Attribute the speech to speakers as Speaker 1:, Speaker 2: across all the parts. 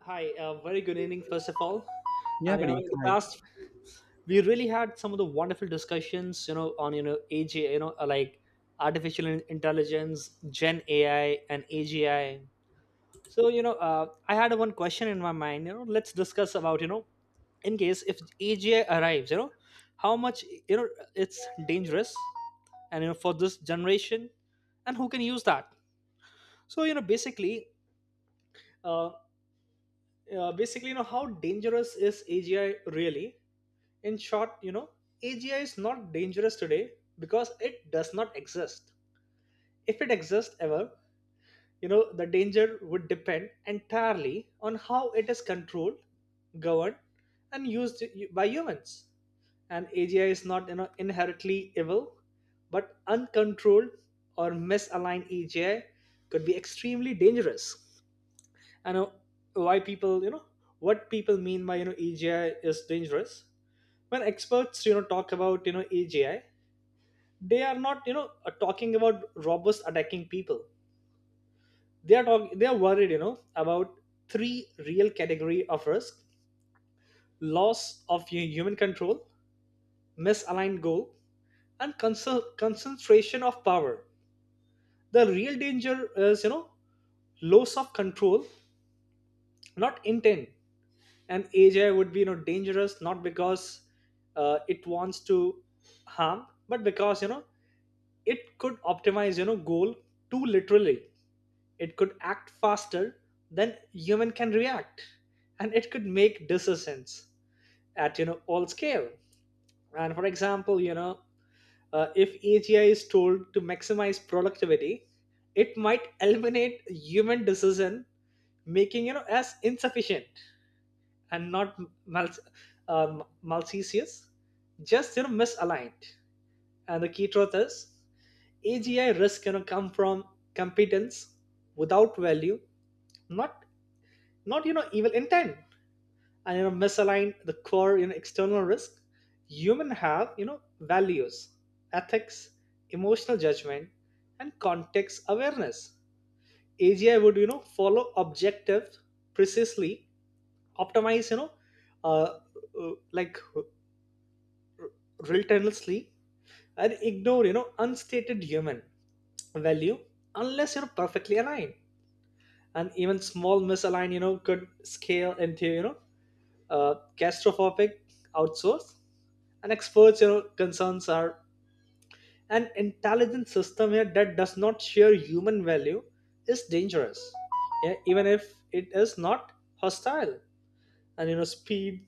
Speaker 1: Hi, very good evening, first of all.
Speaker 2: Yeah,
Speaker 1: And you know,
Speaker 2: buddy.
Speaker 1: in the
Speaker 2: Hi.
Speaker 1: past, we really had some of the wonderful discussions, on you know AG, you know, uh, like artificial intelligence, Gen AI, and AGI. So I had one question in my mind. Let's discuss about in case if AGI arrives, how much you know it's dangerous, and you know for this generation, and who can use that. So you know, basically. Uh, basically, you know, how dangerous is AGI really? In short, you know, AGI is not dangerous today because it does not exist. If it exists ever, the danger would depend entirely on how it is controlled, governed, and used by humans. And AGI is not, inherently evil, but uncontrolled or misaligned AGI could be extremely dangerous, and why people you know what people mean by AGI is dangerous. When experts talk about AGI, they are not talking about robots attacking people. They are worried about three real category of risk: loss of human control, misaligned goal, and concentration of power. The real danger is loss of control, not intent. And ai would be dangerous not because it wants to harm, but because it could optimize goal too literally. It could act faster than human can react, and it could make decisions at all scale. And for example, if agi is told to maximize productivity, it might eliminate human decision making as insufficient and not mal- malicious, just misaligned. And the key truth is AGI risk come from competence without value, not evil intent, and misalign the core external risk. Human have values, ethics, emotional judgment, and context awareness. AGI would follow objective precisely, optimize uh, like relentlessly, and ignore unstated human value unless you're perfectly aligned, and even small misalign could scale into catastrophic outsource. And experts concerns are an intelligent system here that does not share human value is dangerous, yeah, even if it is not hostile. And speed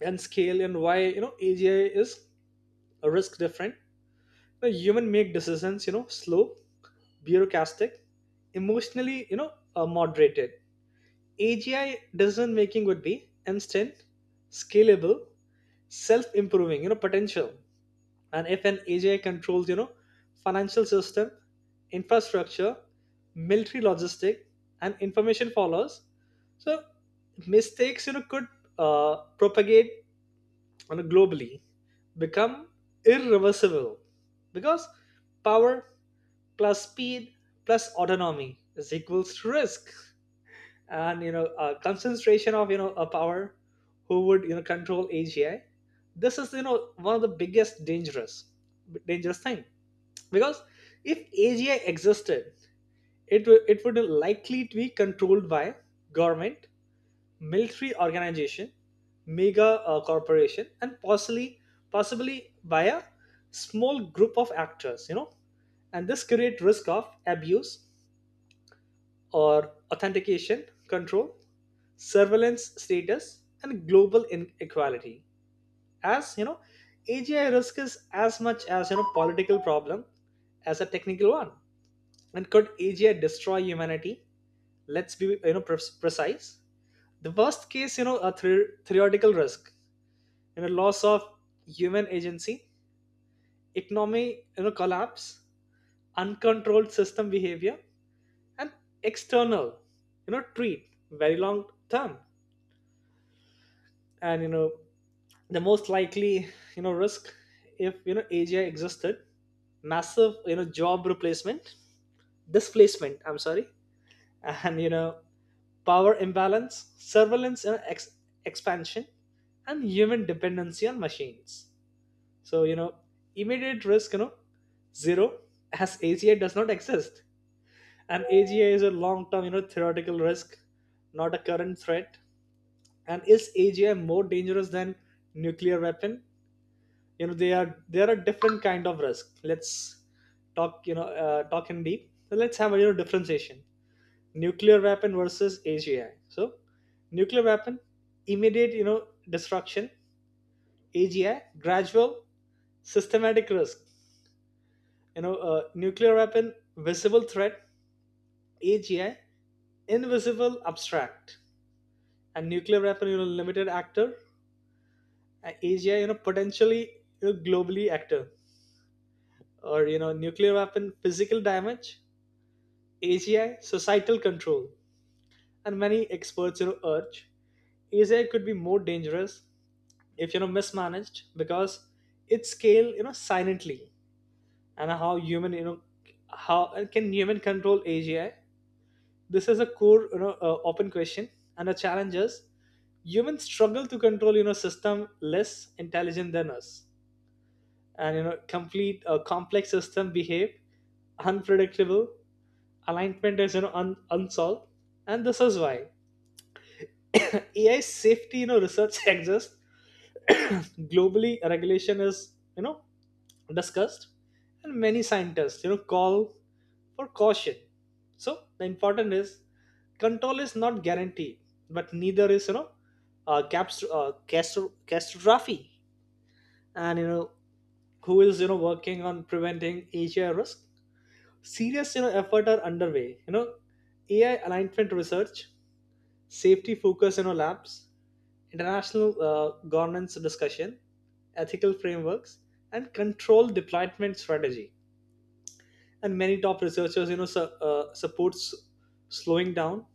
Speaker 1: and scale, and why AGI is a risk different. The human make decisions slow, bureaucratic, emotionally, moderated. AGI decision making would be instant, scalable, self-improving, potential. And if an AGI controls, financial system, infrastructure, military logistic, and information follows, so mistakes, could propagate on a globally, become irreversible, because power plus speed plus autonomy is equals to risk. And concentration of a power, who would control agi? This is one of the biggest dangerous thing, because if agi existed, it would likely to be controlled by government, military organization, mega corporation, and possibly by a small group of actors, and this create risk of abuse or authentication, control, surveillance status, and global inequality. As you know, AGI risk is as much as political problem as a technical one. And could AGI destroy humanity? Let's be precise. The worst case, theoretical risk, loss of human agency, economy, collapse, uncontrolled system behavior, and external, treat very long term. And the most likely risk if AGI existed: massive job replacement, displacement, I'm sorry, and power imbalance, surveillance, and expansion, and human dependency on machines. So immediate risk zero, as AGI does not exist. And AGI is a long term theoretical risk, not a current threat. And is AGI more dangerous than nuclear weapon? You know they are there are different kind of risk. Let's talk, talk in deep. So let's have a, differentiation: nuclear weapon versus agi. So nuclear weapon, immediate destruction; agi, gradual systematic risk. Nuclear weapon, visible threat; agi, invisible, abstract. And nuclear weapon, limited actor, and agi, potentially, globally actor. Or nuclear weapon, physical damage; AGI, societal control. And many experts urge AGI could be more dangerous if mismanaged, because it scale silently. And how human you know how and can human control AGI? This is a core open question. And the challenge is humans struggle to control system less intelligent than us, and you know complete complex system behave unpredictable. Alignment is unsolved, and this is why AI safety, research exists. Globally, regulation is, discussed, and many scientists, call for caution. So the important is control is not guaranteed, but neither is, catastrophe. And who is working on preventing Asia risk? Serious, effort are underway. AI alignment research, safety focus, labs, international governance discussion, ethical frameworks, and control deployment strategy. And many top researchers, supports slowing down,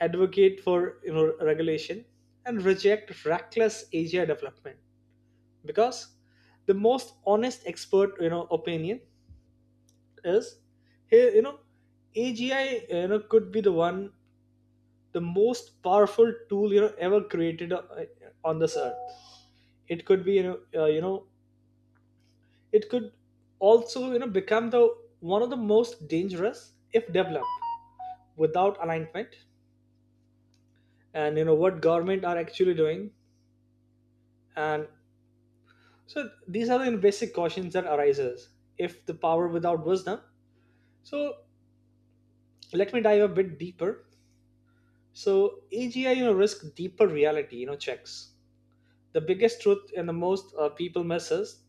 Speaker 1: advocate for regulation, and reject reckless AGI development. Because the most honest expert, opinion is here, AGI, could be the one, the most powerful tool ever created on this earth. It could be, you know it could also become the one of the most dangerous if developed without alignment. And what government are actually doing, and so these are the basic cautions that arises if the power without wisdom. So let me dive a bit deeper. So agi risk, deeper reality checks. The biggest truth and the most people misses,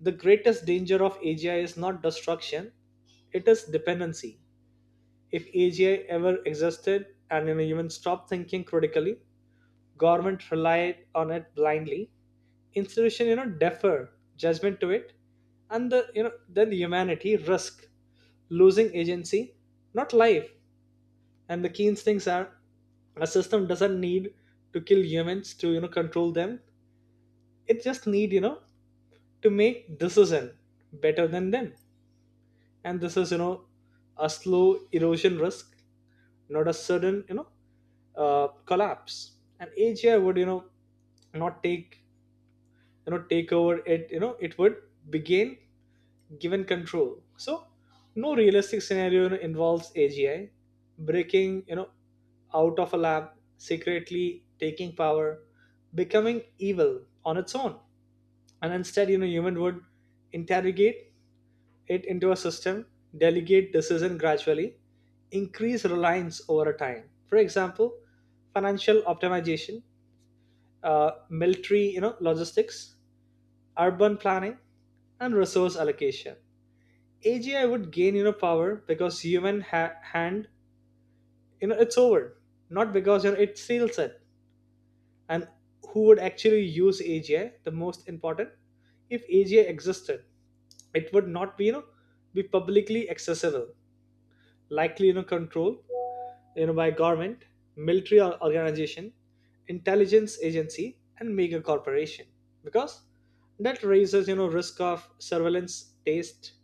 Speaker 1: the greatest danger of agi is not destruction, it is dependency. If AGI ever existed, and even stopped thinking critically, government relied on it blindly, institution, defer judgment to it, and the then humanity risk losing agency, not life. And the key instincts are a system doesn't need to kill humans to control them. It just need to make decision better than them. And this is a slow erosion risk, not a sudden collapse. And AGI would you know not take you know take over. It it would begin given control. So no realistic scenario, involves agi breaking out of a lab, secretly taking power, becoming evil on its own. And instead, human would interrogate it into a system, delegate decision gradually, increase reliance over time. For example, financial optimization, military, logistics, urban planning, and resource allocation. AGI would gain, power because human hand, it's over, not because it steals it. And who would actually use AGI? The most important, if AGI existed, it would not be publicly accessible, likely, controlled by government, military organization, intelligence agency, and mega corporation. Because that raises risk of surveillance, taste,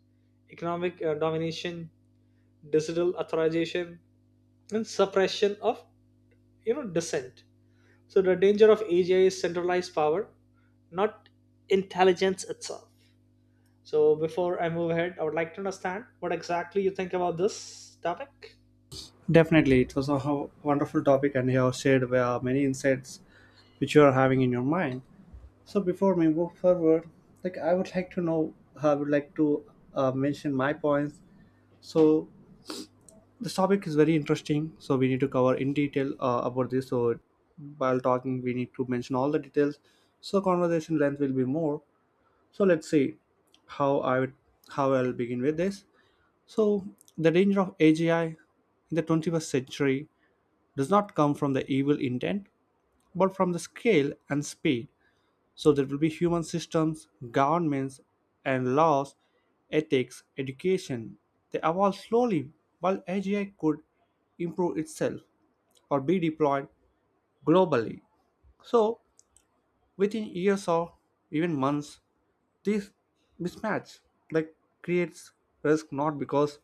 Speaker 1: economic domination, digital authorization, and suppression of dissent. So the danger of AGI is centralized power, not intelligence itself. So before I move ahead, I would like to understand what exactly you think about this topic.
Speaker 2: Definitely. It was a wonderful topic, and you have shared many insights which you are having in your mind. So, before we move forward, like I would like to know, I would like to mention my points. So, this topic is very interesting. So, we need to cover in detail about this. So, while talking, we need to mention all the details. So, conversation length will be more. So, let's see how I would, how I'll begin with this. So, the danger of AGI in the 21st century does not come from the evil intent, but from the scale and speed. So there will be human systems, governments, and laws, ethics, education. They evolve slowly while AGI could improve itself or be deployed globally. So within years or even months, this mismatch like creates risk not because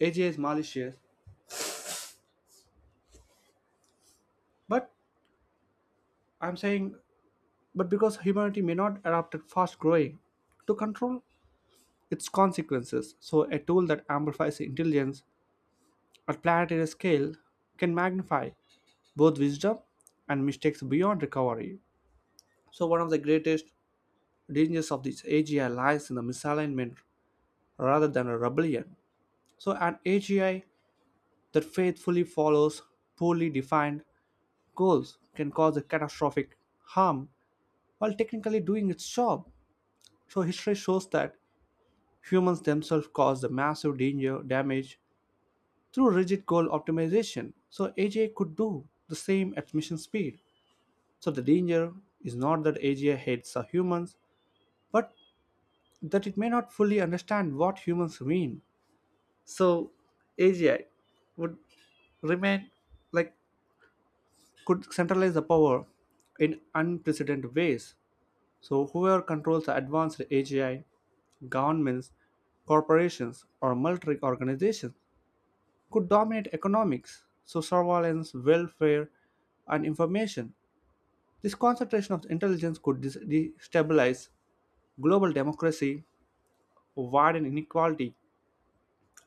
Speaker 2: AGI is malicious, but I'm saying but because humanity may not adapt fast growing to control its consequences. So, a tool that amplifies intelligence at planetary scale can magnify both wisdom and mistakes beyond recovery. So, one of the greatest dangers of this AGI lies in the misalignment rather than a rebellion. So, an AGI that faithfully follows poorly defined goals can cause a catastrophic harm while technically doing its job. So, history shows that humans themselves cause the massive danger damage through rigid goal optimization. So AGI could do the same at mission speed. So the danger is not that AGI hates humans, but that it may not fully understand what humans mean. So AGI would remain like could centralize the power in unprecedented ways. So whoever controls the advanced AGI, governments, corporations, or military organizations could dominate economics, so surveillance, welfare, and information. This concentration of intelligence could destabilize global democracy, widen inequality,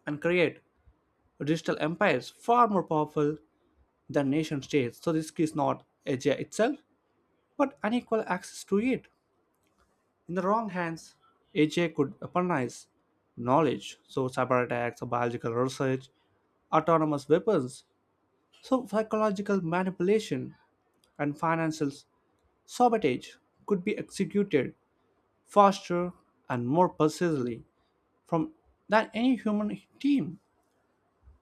Speaker 2: and create digital empires far more powerful than nation states. So, this is not AGI itself, but unequal access to it. In the wrong hands, AGI could weaponize knowledge, so cyber attacks, biological research, autonomous weapons, so psychological manipulation and financial sabotage could be executed faster and more precisely from than any human team.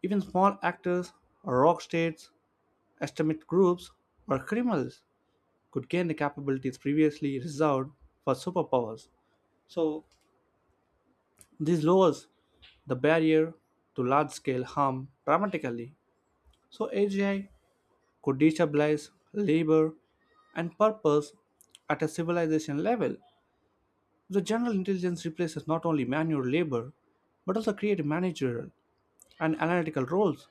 Speaker 2: Even small actors, or rogue states, estimate groups, or criminals could gain the capabilities previously reserved for superpowers. So this lowers the barrier to large-scale harm dramatically. So AGI could destabilize labor and purpose at a civilization level. The general intelligence replaces not only manual labor, but also creative managerial and analytical roles.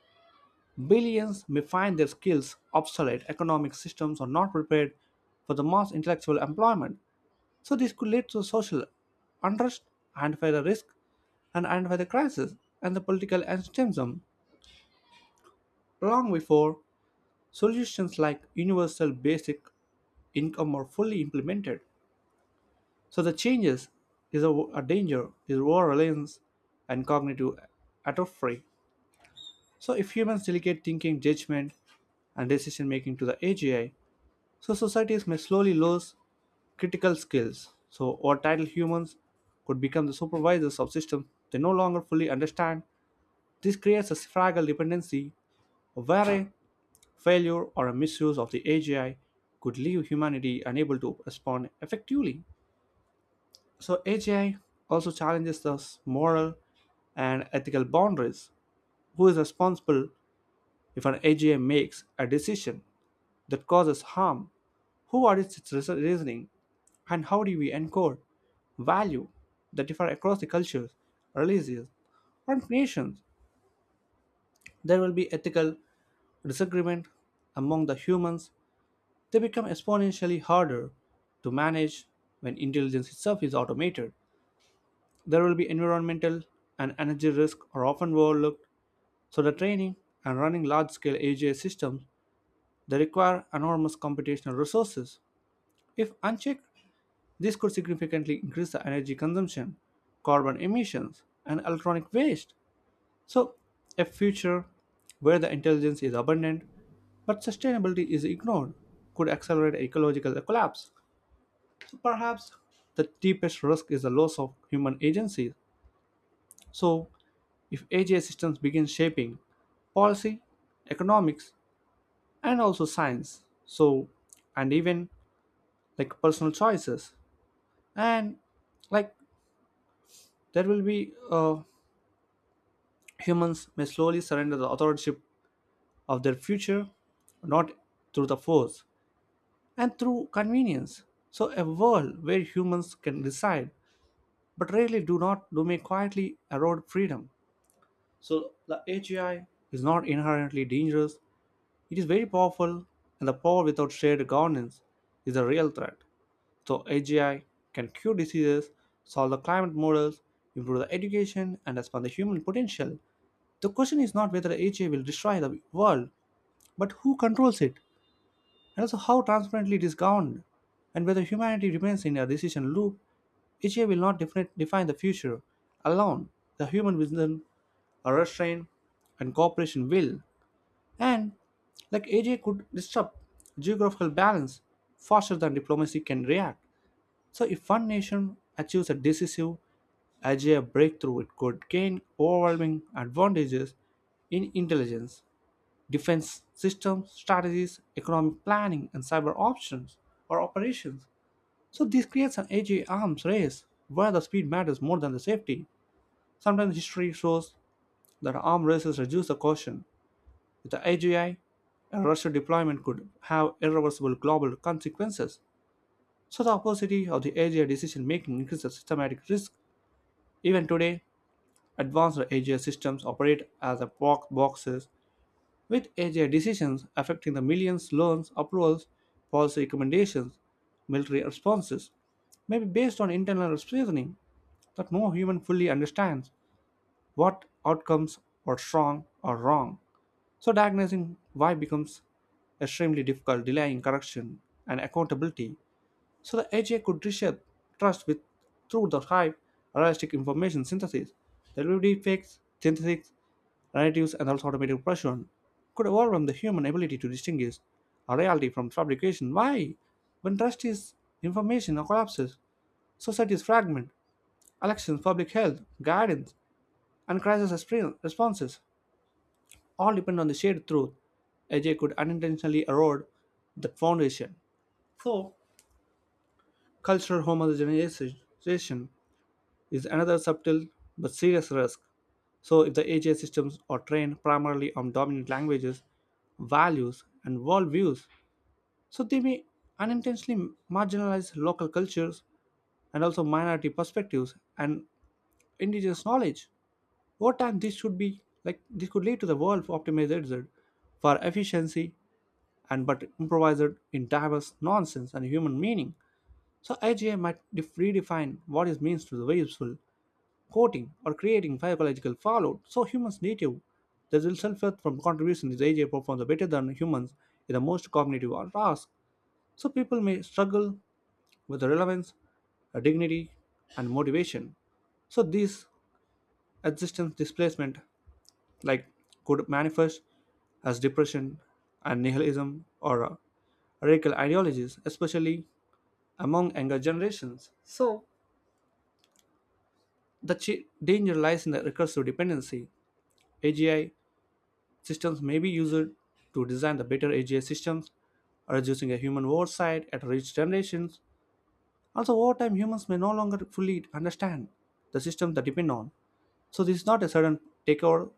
Speaker 2: Billions may find their skills obsolete, economic systems are not prepared for the mass intellectual employment. So, this could lead to social unrest, identify the risk, and identify the crisis and the political extremism long before solutions like universal basic income are fully implemented. So the changes is a danger is over-reliance and cognitive atrophy. So if humans delegate thinking, judgment, and decision making to the AGI, so societies may slowly lose critical skills. So or title humans could become the supervisors of systems they no longer fully understand. This creates a fragile dependency where a failure or a misuse of the AGI could leave humanity unable to respond effectively. So AGI also challenges those moral and ethical boundaries. Who is responsible if an AGI makes a decision that causes harm? Who audits its reasoning? And how do we encode value that differ across the cultures, religions, and nations? There will be ethical disagreement among the humans. They become exponentially harder to manage when intelligence itself is automated. There will be environmental and energy risks are often overlooked, so the training and running large-scale AGI systems they require enormous computational resources. If unchecked, this could significantly increase the energy consumption, carbon emissions, and electronic waste. So, a future where the intelligence is abundant but sustainability is ignored could accelerate ecological collapse. So perhaps the deepest risk is the loss of human agency. So if AGI systems begin shaping policy, economics, and also science. So, and even like personal choices, and like there will be humans may slowly surrender the authorship of their future, not through the force and through convenience. So, a world where humans can decide but rarely do not do may quietly erode freedom. So, the AGI is not inherently dangerous. It is very powerful, and the power without shared governance is a real threat. So, AGI can cure diseases, solve the climate models, improve the education, and expand the human potential. The question is not whether AGI will destroy the world, but who controls it, and also how transparently it is governed, and whether humanity remains in a decision loop. AGI will not define the future alone. The human wisdom, a restraint, and cooperation will. And like AJ could disrupt geographical balance faster than diplomacy can react. So if one nation achieves a decisive AJ breakthrough, it could gain overwhelming advantages in intelligence, defense systems, strategies, economic planning, and cyber options or operations. So this creates an AJ arms race where the speed matters more than the safety. Sometimes history shows that arm races reduce the caution with the AGI, a Russian deployment could have irreversible global consequences. So, the opacity of the AGI decision making increases systematic risk. Even today, advanced AGI systems operate as black boxes, with AGI decisions affecting the millions loans, approvals, policy recommendations, military responses, may be based on internal reasoning that no human fully understands what outcomes were strong or wrong. So diagnosing why becomes extremely difficult, delaying correction and accountability. So the AGI could reshape trust with through the hype, realistic information synthesis, delivery fakes, synthesis, narratives, and also automated pressure could overwhelm the human ability to distinguish a reality from fabrication. Why? When trust is information collapses, societies fragment, elections, public health, guidance, and crisis responses all depend on the shared truth. Ajay could unintentionally erode that foundation. So, cultural homogenization is another subtle but serious risk. So, if the AGI systems are trained primarily on dominant languages, values, and worldviews, so they may unintentionally marginalize local cultures and also minority perspectives and indigenous knowledge. Over time, this should be like this could lead to the world optimized for efficiency and but improvised in diverse nonsense and human meaning. So AGI might redefine what it means to the useful, quoting or creating psychological fallout. So humans native, the real self-worth from contribution is AGI performs better than humans in the most cognitive task. So people may struggle with the relevance, dignity, and motivation. So these existence displacement like could manifest as depression and nihilism or radical ideologies, especially among younger generations. The danger lies in the recursive dependency. AGI systems may be used to design the better AGI systems, reducing a human oversight at rich generations. Also, over time, humans may no longer fully understand the systems that depend on. So, this is not a sudden takeover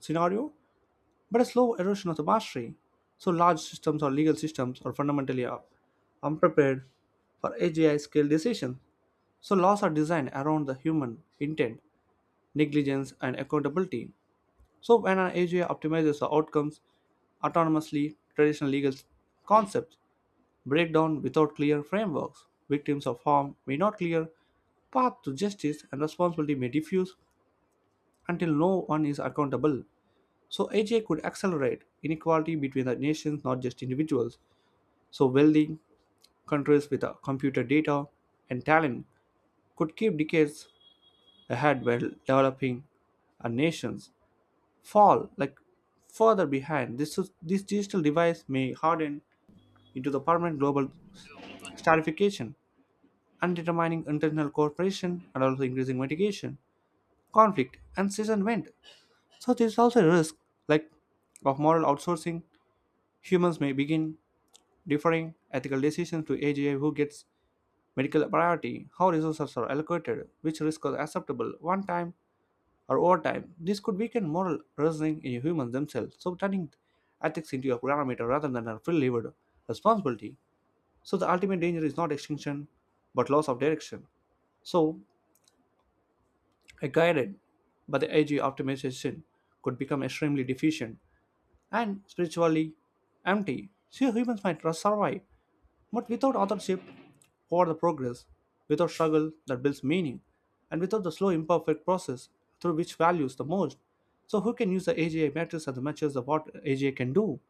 Speaker 2: scenario, but a slow erosion of the mastery. So large systems or legal systems are fundamentally unprepared for AGI scale decisions. So laws are designed around the human intent, negligence, and accountability. So when an AGI optimizes the outcomes autonomously, traditional legal concepts break down without clear frameworks. Victims of harm may not clear path to justice and responsibility may diffuse until no one is accountable. So AGI could accelerate inequality between the nations, not just individuals. So wealthy countries with computer data and talent could keep decades ahead while developing nations fall like further behind. This digital device may harden into the permanent global stratification, undermining internal cooperation and also increasing mitigation, conflict, and season went. So there is also a risk like of moral outsourcing. Humans may begin differing ethical decisions to AGI who gets medical priority, how resources are allocated, which risks are acceptable one time or over time. This could weaken moral reasoning in humans themselves, so turning ethics into a parameter rather than a free levered responsibility. So the ultimate danger is not extinction but loss of direction. So a guided but the AG optimization could become extremely deficient and spiritually empty. So humans might survive but without authorship or the progress, without struggle that builds meaning, and without the slow, imperfect process through which values the most. So, who can use the AGI matrix as the matches of what AGI can do?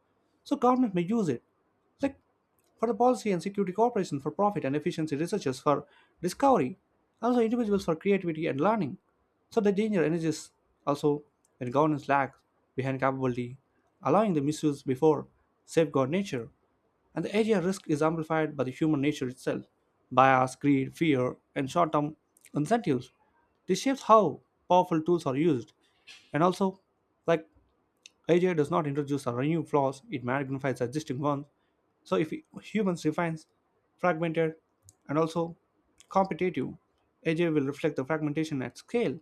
Speaker 2: So, government may use it, like for the policy and security cooperation, for profit and efficiency researchers for discovery, also individuals for creativity and learning. So, the danger energies also when governance lags behind capability, allowing the misuse before safeguard nature. And the area risk is amplified by the human nature itself bias, greed, fear, and short term incentives. This shapes how powerful tools are used. And also, like AGI does not introduce or new flaws, it magnifies existing ones. So if humans refines fragmented and also competitive, AGI will reflect the fragmentation at scale.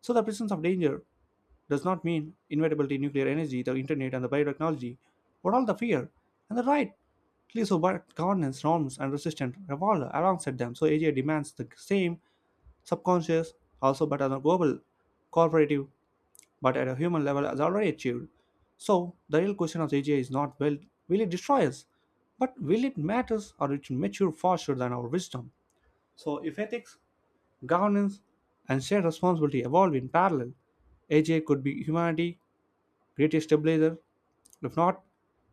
Speaker 2: So the presence of danger does not mean inevitability. Nuclear energy, the internet, and the biotechnology, but all the fear and the right Please but governance norms and resistance revolve alongside them. So AGI demands the same subconscious also but on a global cooperative but at a human level as already achieved. So the real question of AGI is not well will it destroy us, but will it matters or it mature faster than our wisdom. So if ethics, governance and shared responsibility evolve in parallel, AGI could be humanity great stabilizer. If not,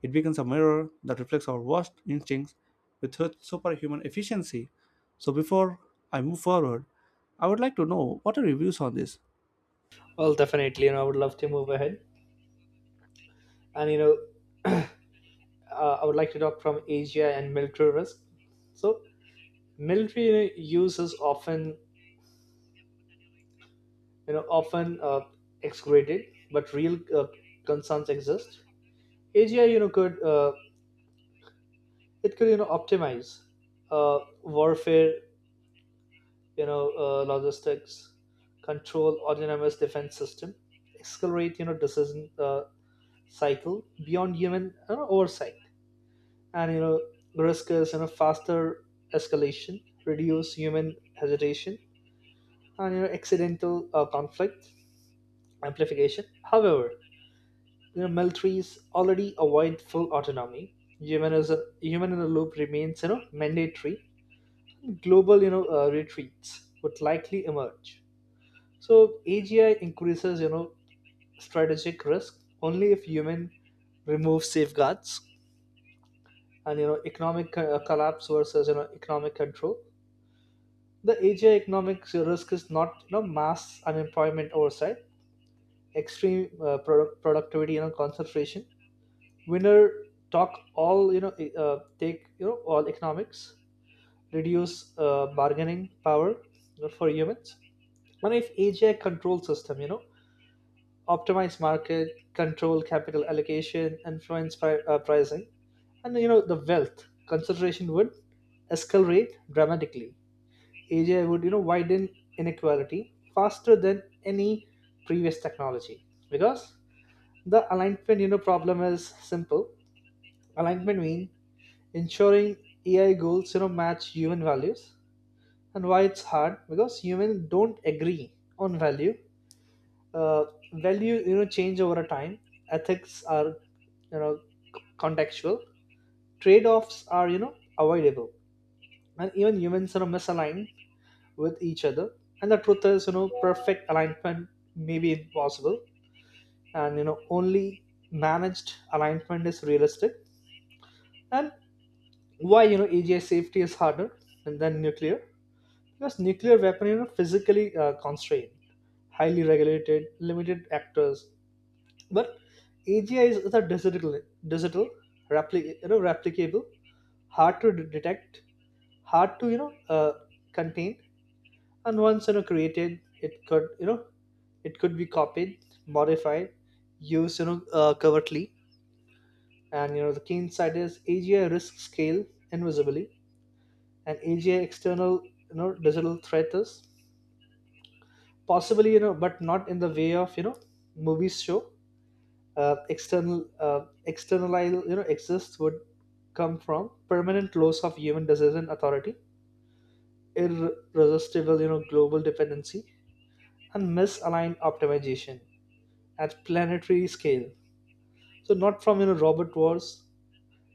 Speaker 2: it becomes a mirror that reflects our worst instincts with superhuman efficiency. So before I move forward, I would like to know what are your views on this?
Speaker 1: Well, definitely, and I would love to move ahead. And I would like to talk from asia and military risk. So military, use is often you know often uh, excluded, but real concerns exist. Asia could optimize uh, warfare, logistics, control autonomous defense system, accelerate decision cycle beyond human oversight. And risk is faster escalation, reduce human hesitation, and accidental conflict amplification. However, militaries already avoid full autonomy. Human in the loop remains mandatory. Global retreats would likely emerge. So agi increases strategic risk only if human remove safeguards. And economic collapse versus economic control. The Asia economic risk is not mass unemployment oversight, extreme productivity concentration. Winner talk all take all economics, reduce bargaining power, for humans. And if Asia control system optimize market, control capital allocation, influence pricing, and the wealth concentration would escalate dramatically. AGI would widen inequality faster than any previous technology, because the alignment problem is simple. Alignment means ensuring AI goals match human values. And why it's hard? Because humans don't agree on value. Uh, value change over a time. Ethics are you know contextual. Trade-offs are avoidable, and even humans are misaligned with each other. And the truth is, perfect alignment may be impossible, and only managed alignment is realistic. And why AGI safety is harder than nuclear? Because nuclear weapon, physically constrained, highly regulated, limited actors. But AGI is a digital, replicable, hard to detect, hard to contain. And once created, it could you know it could be copied, modified, used, covertly. And the key insight is agi risk scale invisibly. And agi external digital threat is possibly, but not in the way of movies show. External exists would come from permanent loss of human decision authority, irresistible global dependency, and misaligned optimization at planetary scale. So not from Robert Wars,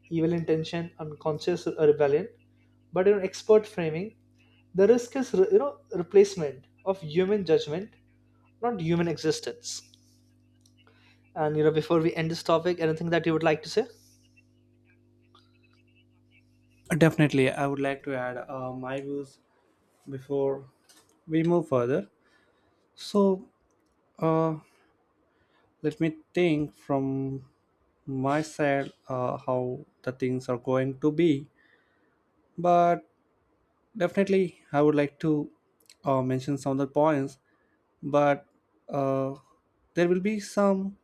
Speaker 1: evil intention, unconscious rebellion, but in expert framing, the risk is replacement of human judgment, not human existence. And before we end this topic, anything that you would like to say?
Speaker 2: Definitely, I would like to add my views before we move further. So let me think from my side how the things are going to be. But definitely, I would like to mention some of the points but uh, there will be some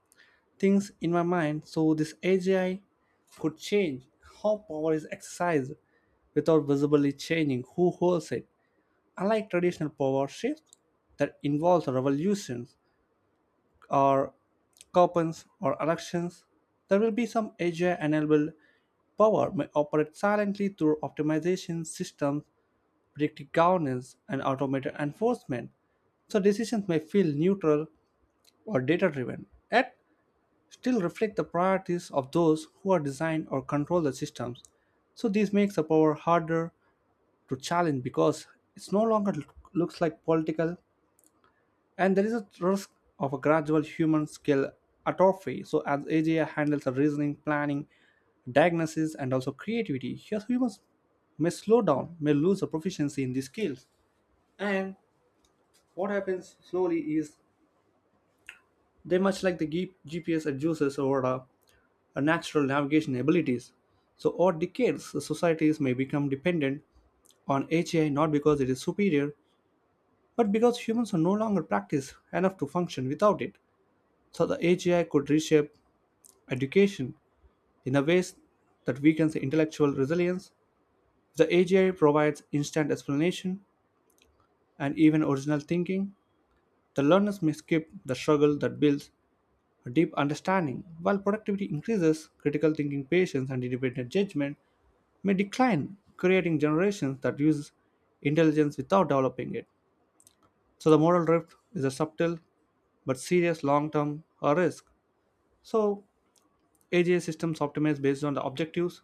Speaker 2: things in my mind. So this AGI could change how power is exercised without visibly changing who holds it. Unlike traditional power shifts that involves revolutions or coupons or elections, there will be some AGI-enabled power may operate silently through optimization systems, predictive governance, and automated enforcement, so decisions may feel neutral or data driven, yet still reflect the priorities of those who are design or control the systems. So this makes the power harder to challenge because it's no longer looks like political, and there is a risk of a gradual human skill atrophy. So as AGI handles the reasoning, planning, diagnosis and also creativity, here humans may slow down, may lose the proficiency in these skills. And what happens slowly is they much like the GPS adduces over a natural navigation abilities. So, over decades, the societies may become dependent on AGI, not because it is superior, but because humans are no longer practiced enough to function without it. So, the AGI could reshape education in a ways that weakens the intellectual resilience. The AGI provides instant explanation and even original thinking. The learners may skip the struggle that builds a deep understanding, while productivity increases critical thinking, patience, and independent judgment. May decline, creating generations that use intelligence without developing it. So the moral drift is a subtle but serious long-term risk. So AGI systems optimize based on the objectives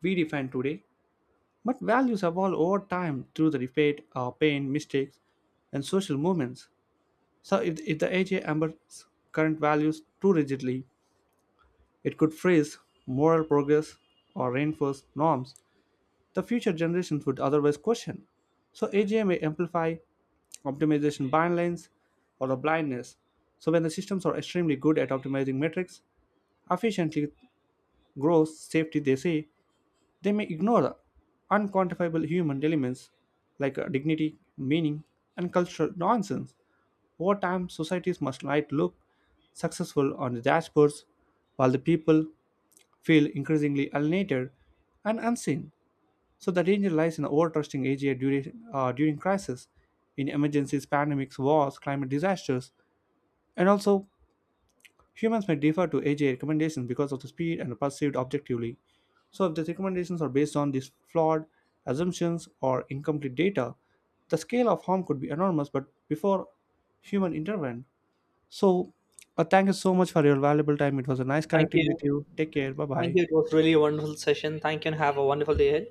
Speaker 2: we define today, but values evolve over time through the repeat, pain, mistakes, and social movements. So if the AGI ambers current values too rigidly, it could freeze moral progress or reinforce norms the future generations would otherwise question. So AGI may amplify optimization bylines or a blindness. So when the systems are extremely good at optimizing metrics, efficiently growth, safety, they say, they may ignore the unquantifiable human elements like dignity, meaning, and cultural nonsense. Over time, societies must might look successful on the dashboards, while the people feel increasingly alienated and unseen. So the danger lies in over-trusting AGI during crisis, in emergencies, pandemics, wars, climate disasters, and also humans may defer to AGI recommendations because of the speed and perceived objectively. So if these recommendations are based on these flawed assumptions or incomplete data, the scale of harm could be enormous, but before human intervention. So thank you so much for your valuable time. It was a nice
Speaker 1: Thank
Speaker 2: connecting
Speaker 1: you.
Speaker 2: with you. Take care. Bye
Speaker 1: Thank
Speaker 2: bye.
Speaker 1: you. It was really a wonderful session. Thank you and have a wonderful day ahead.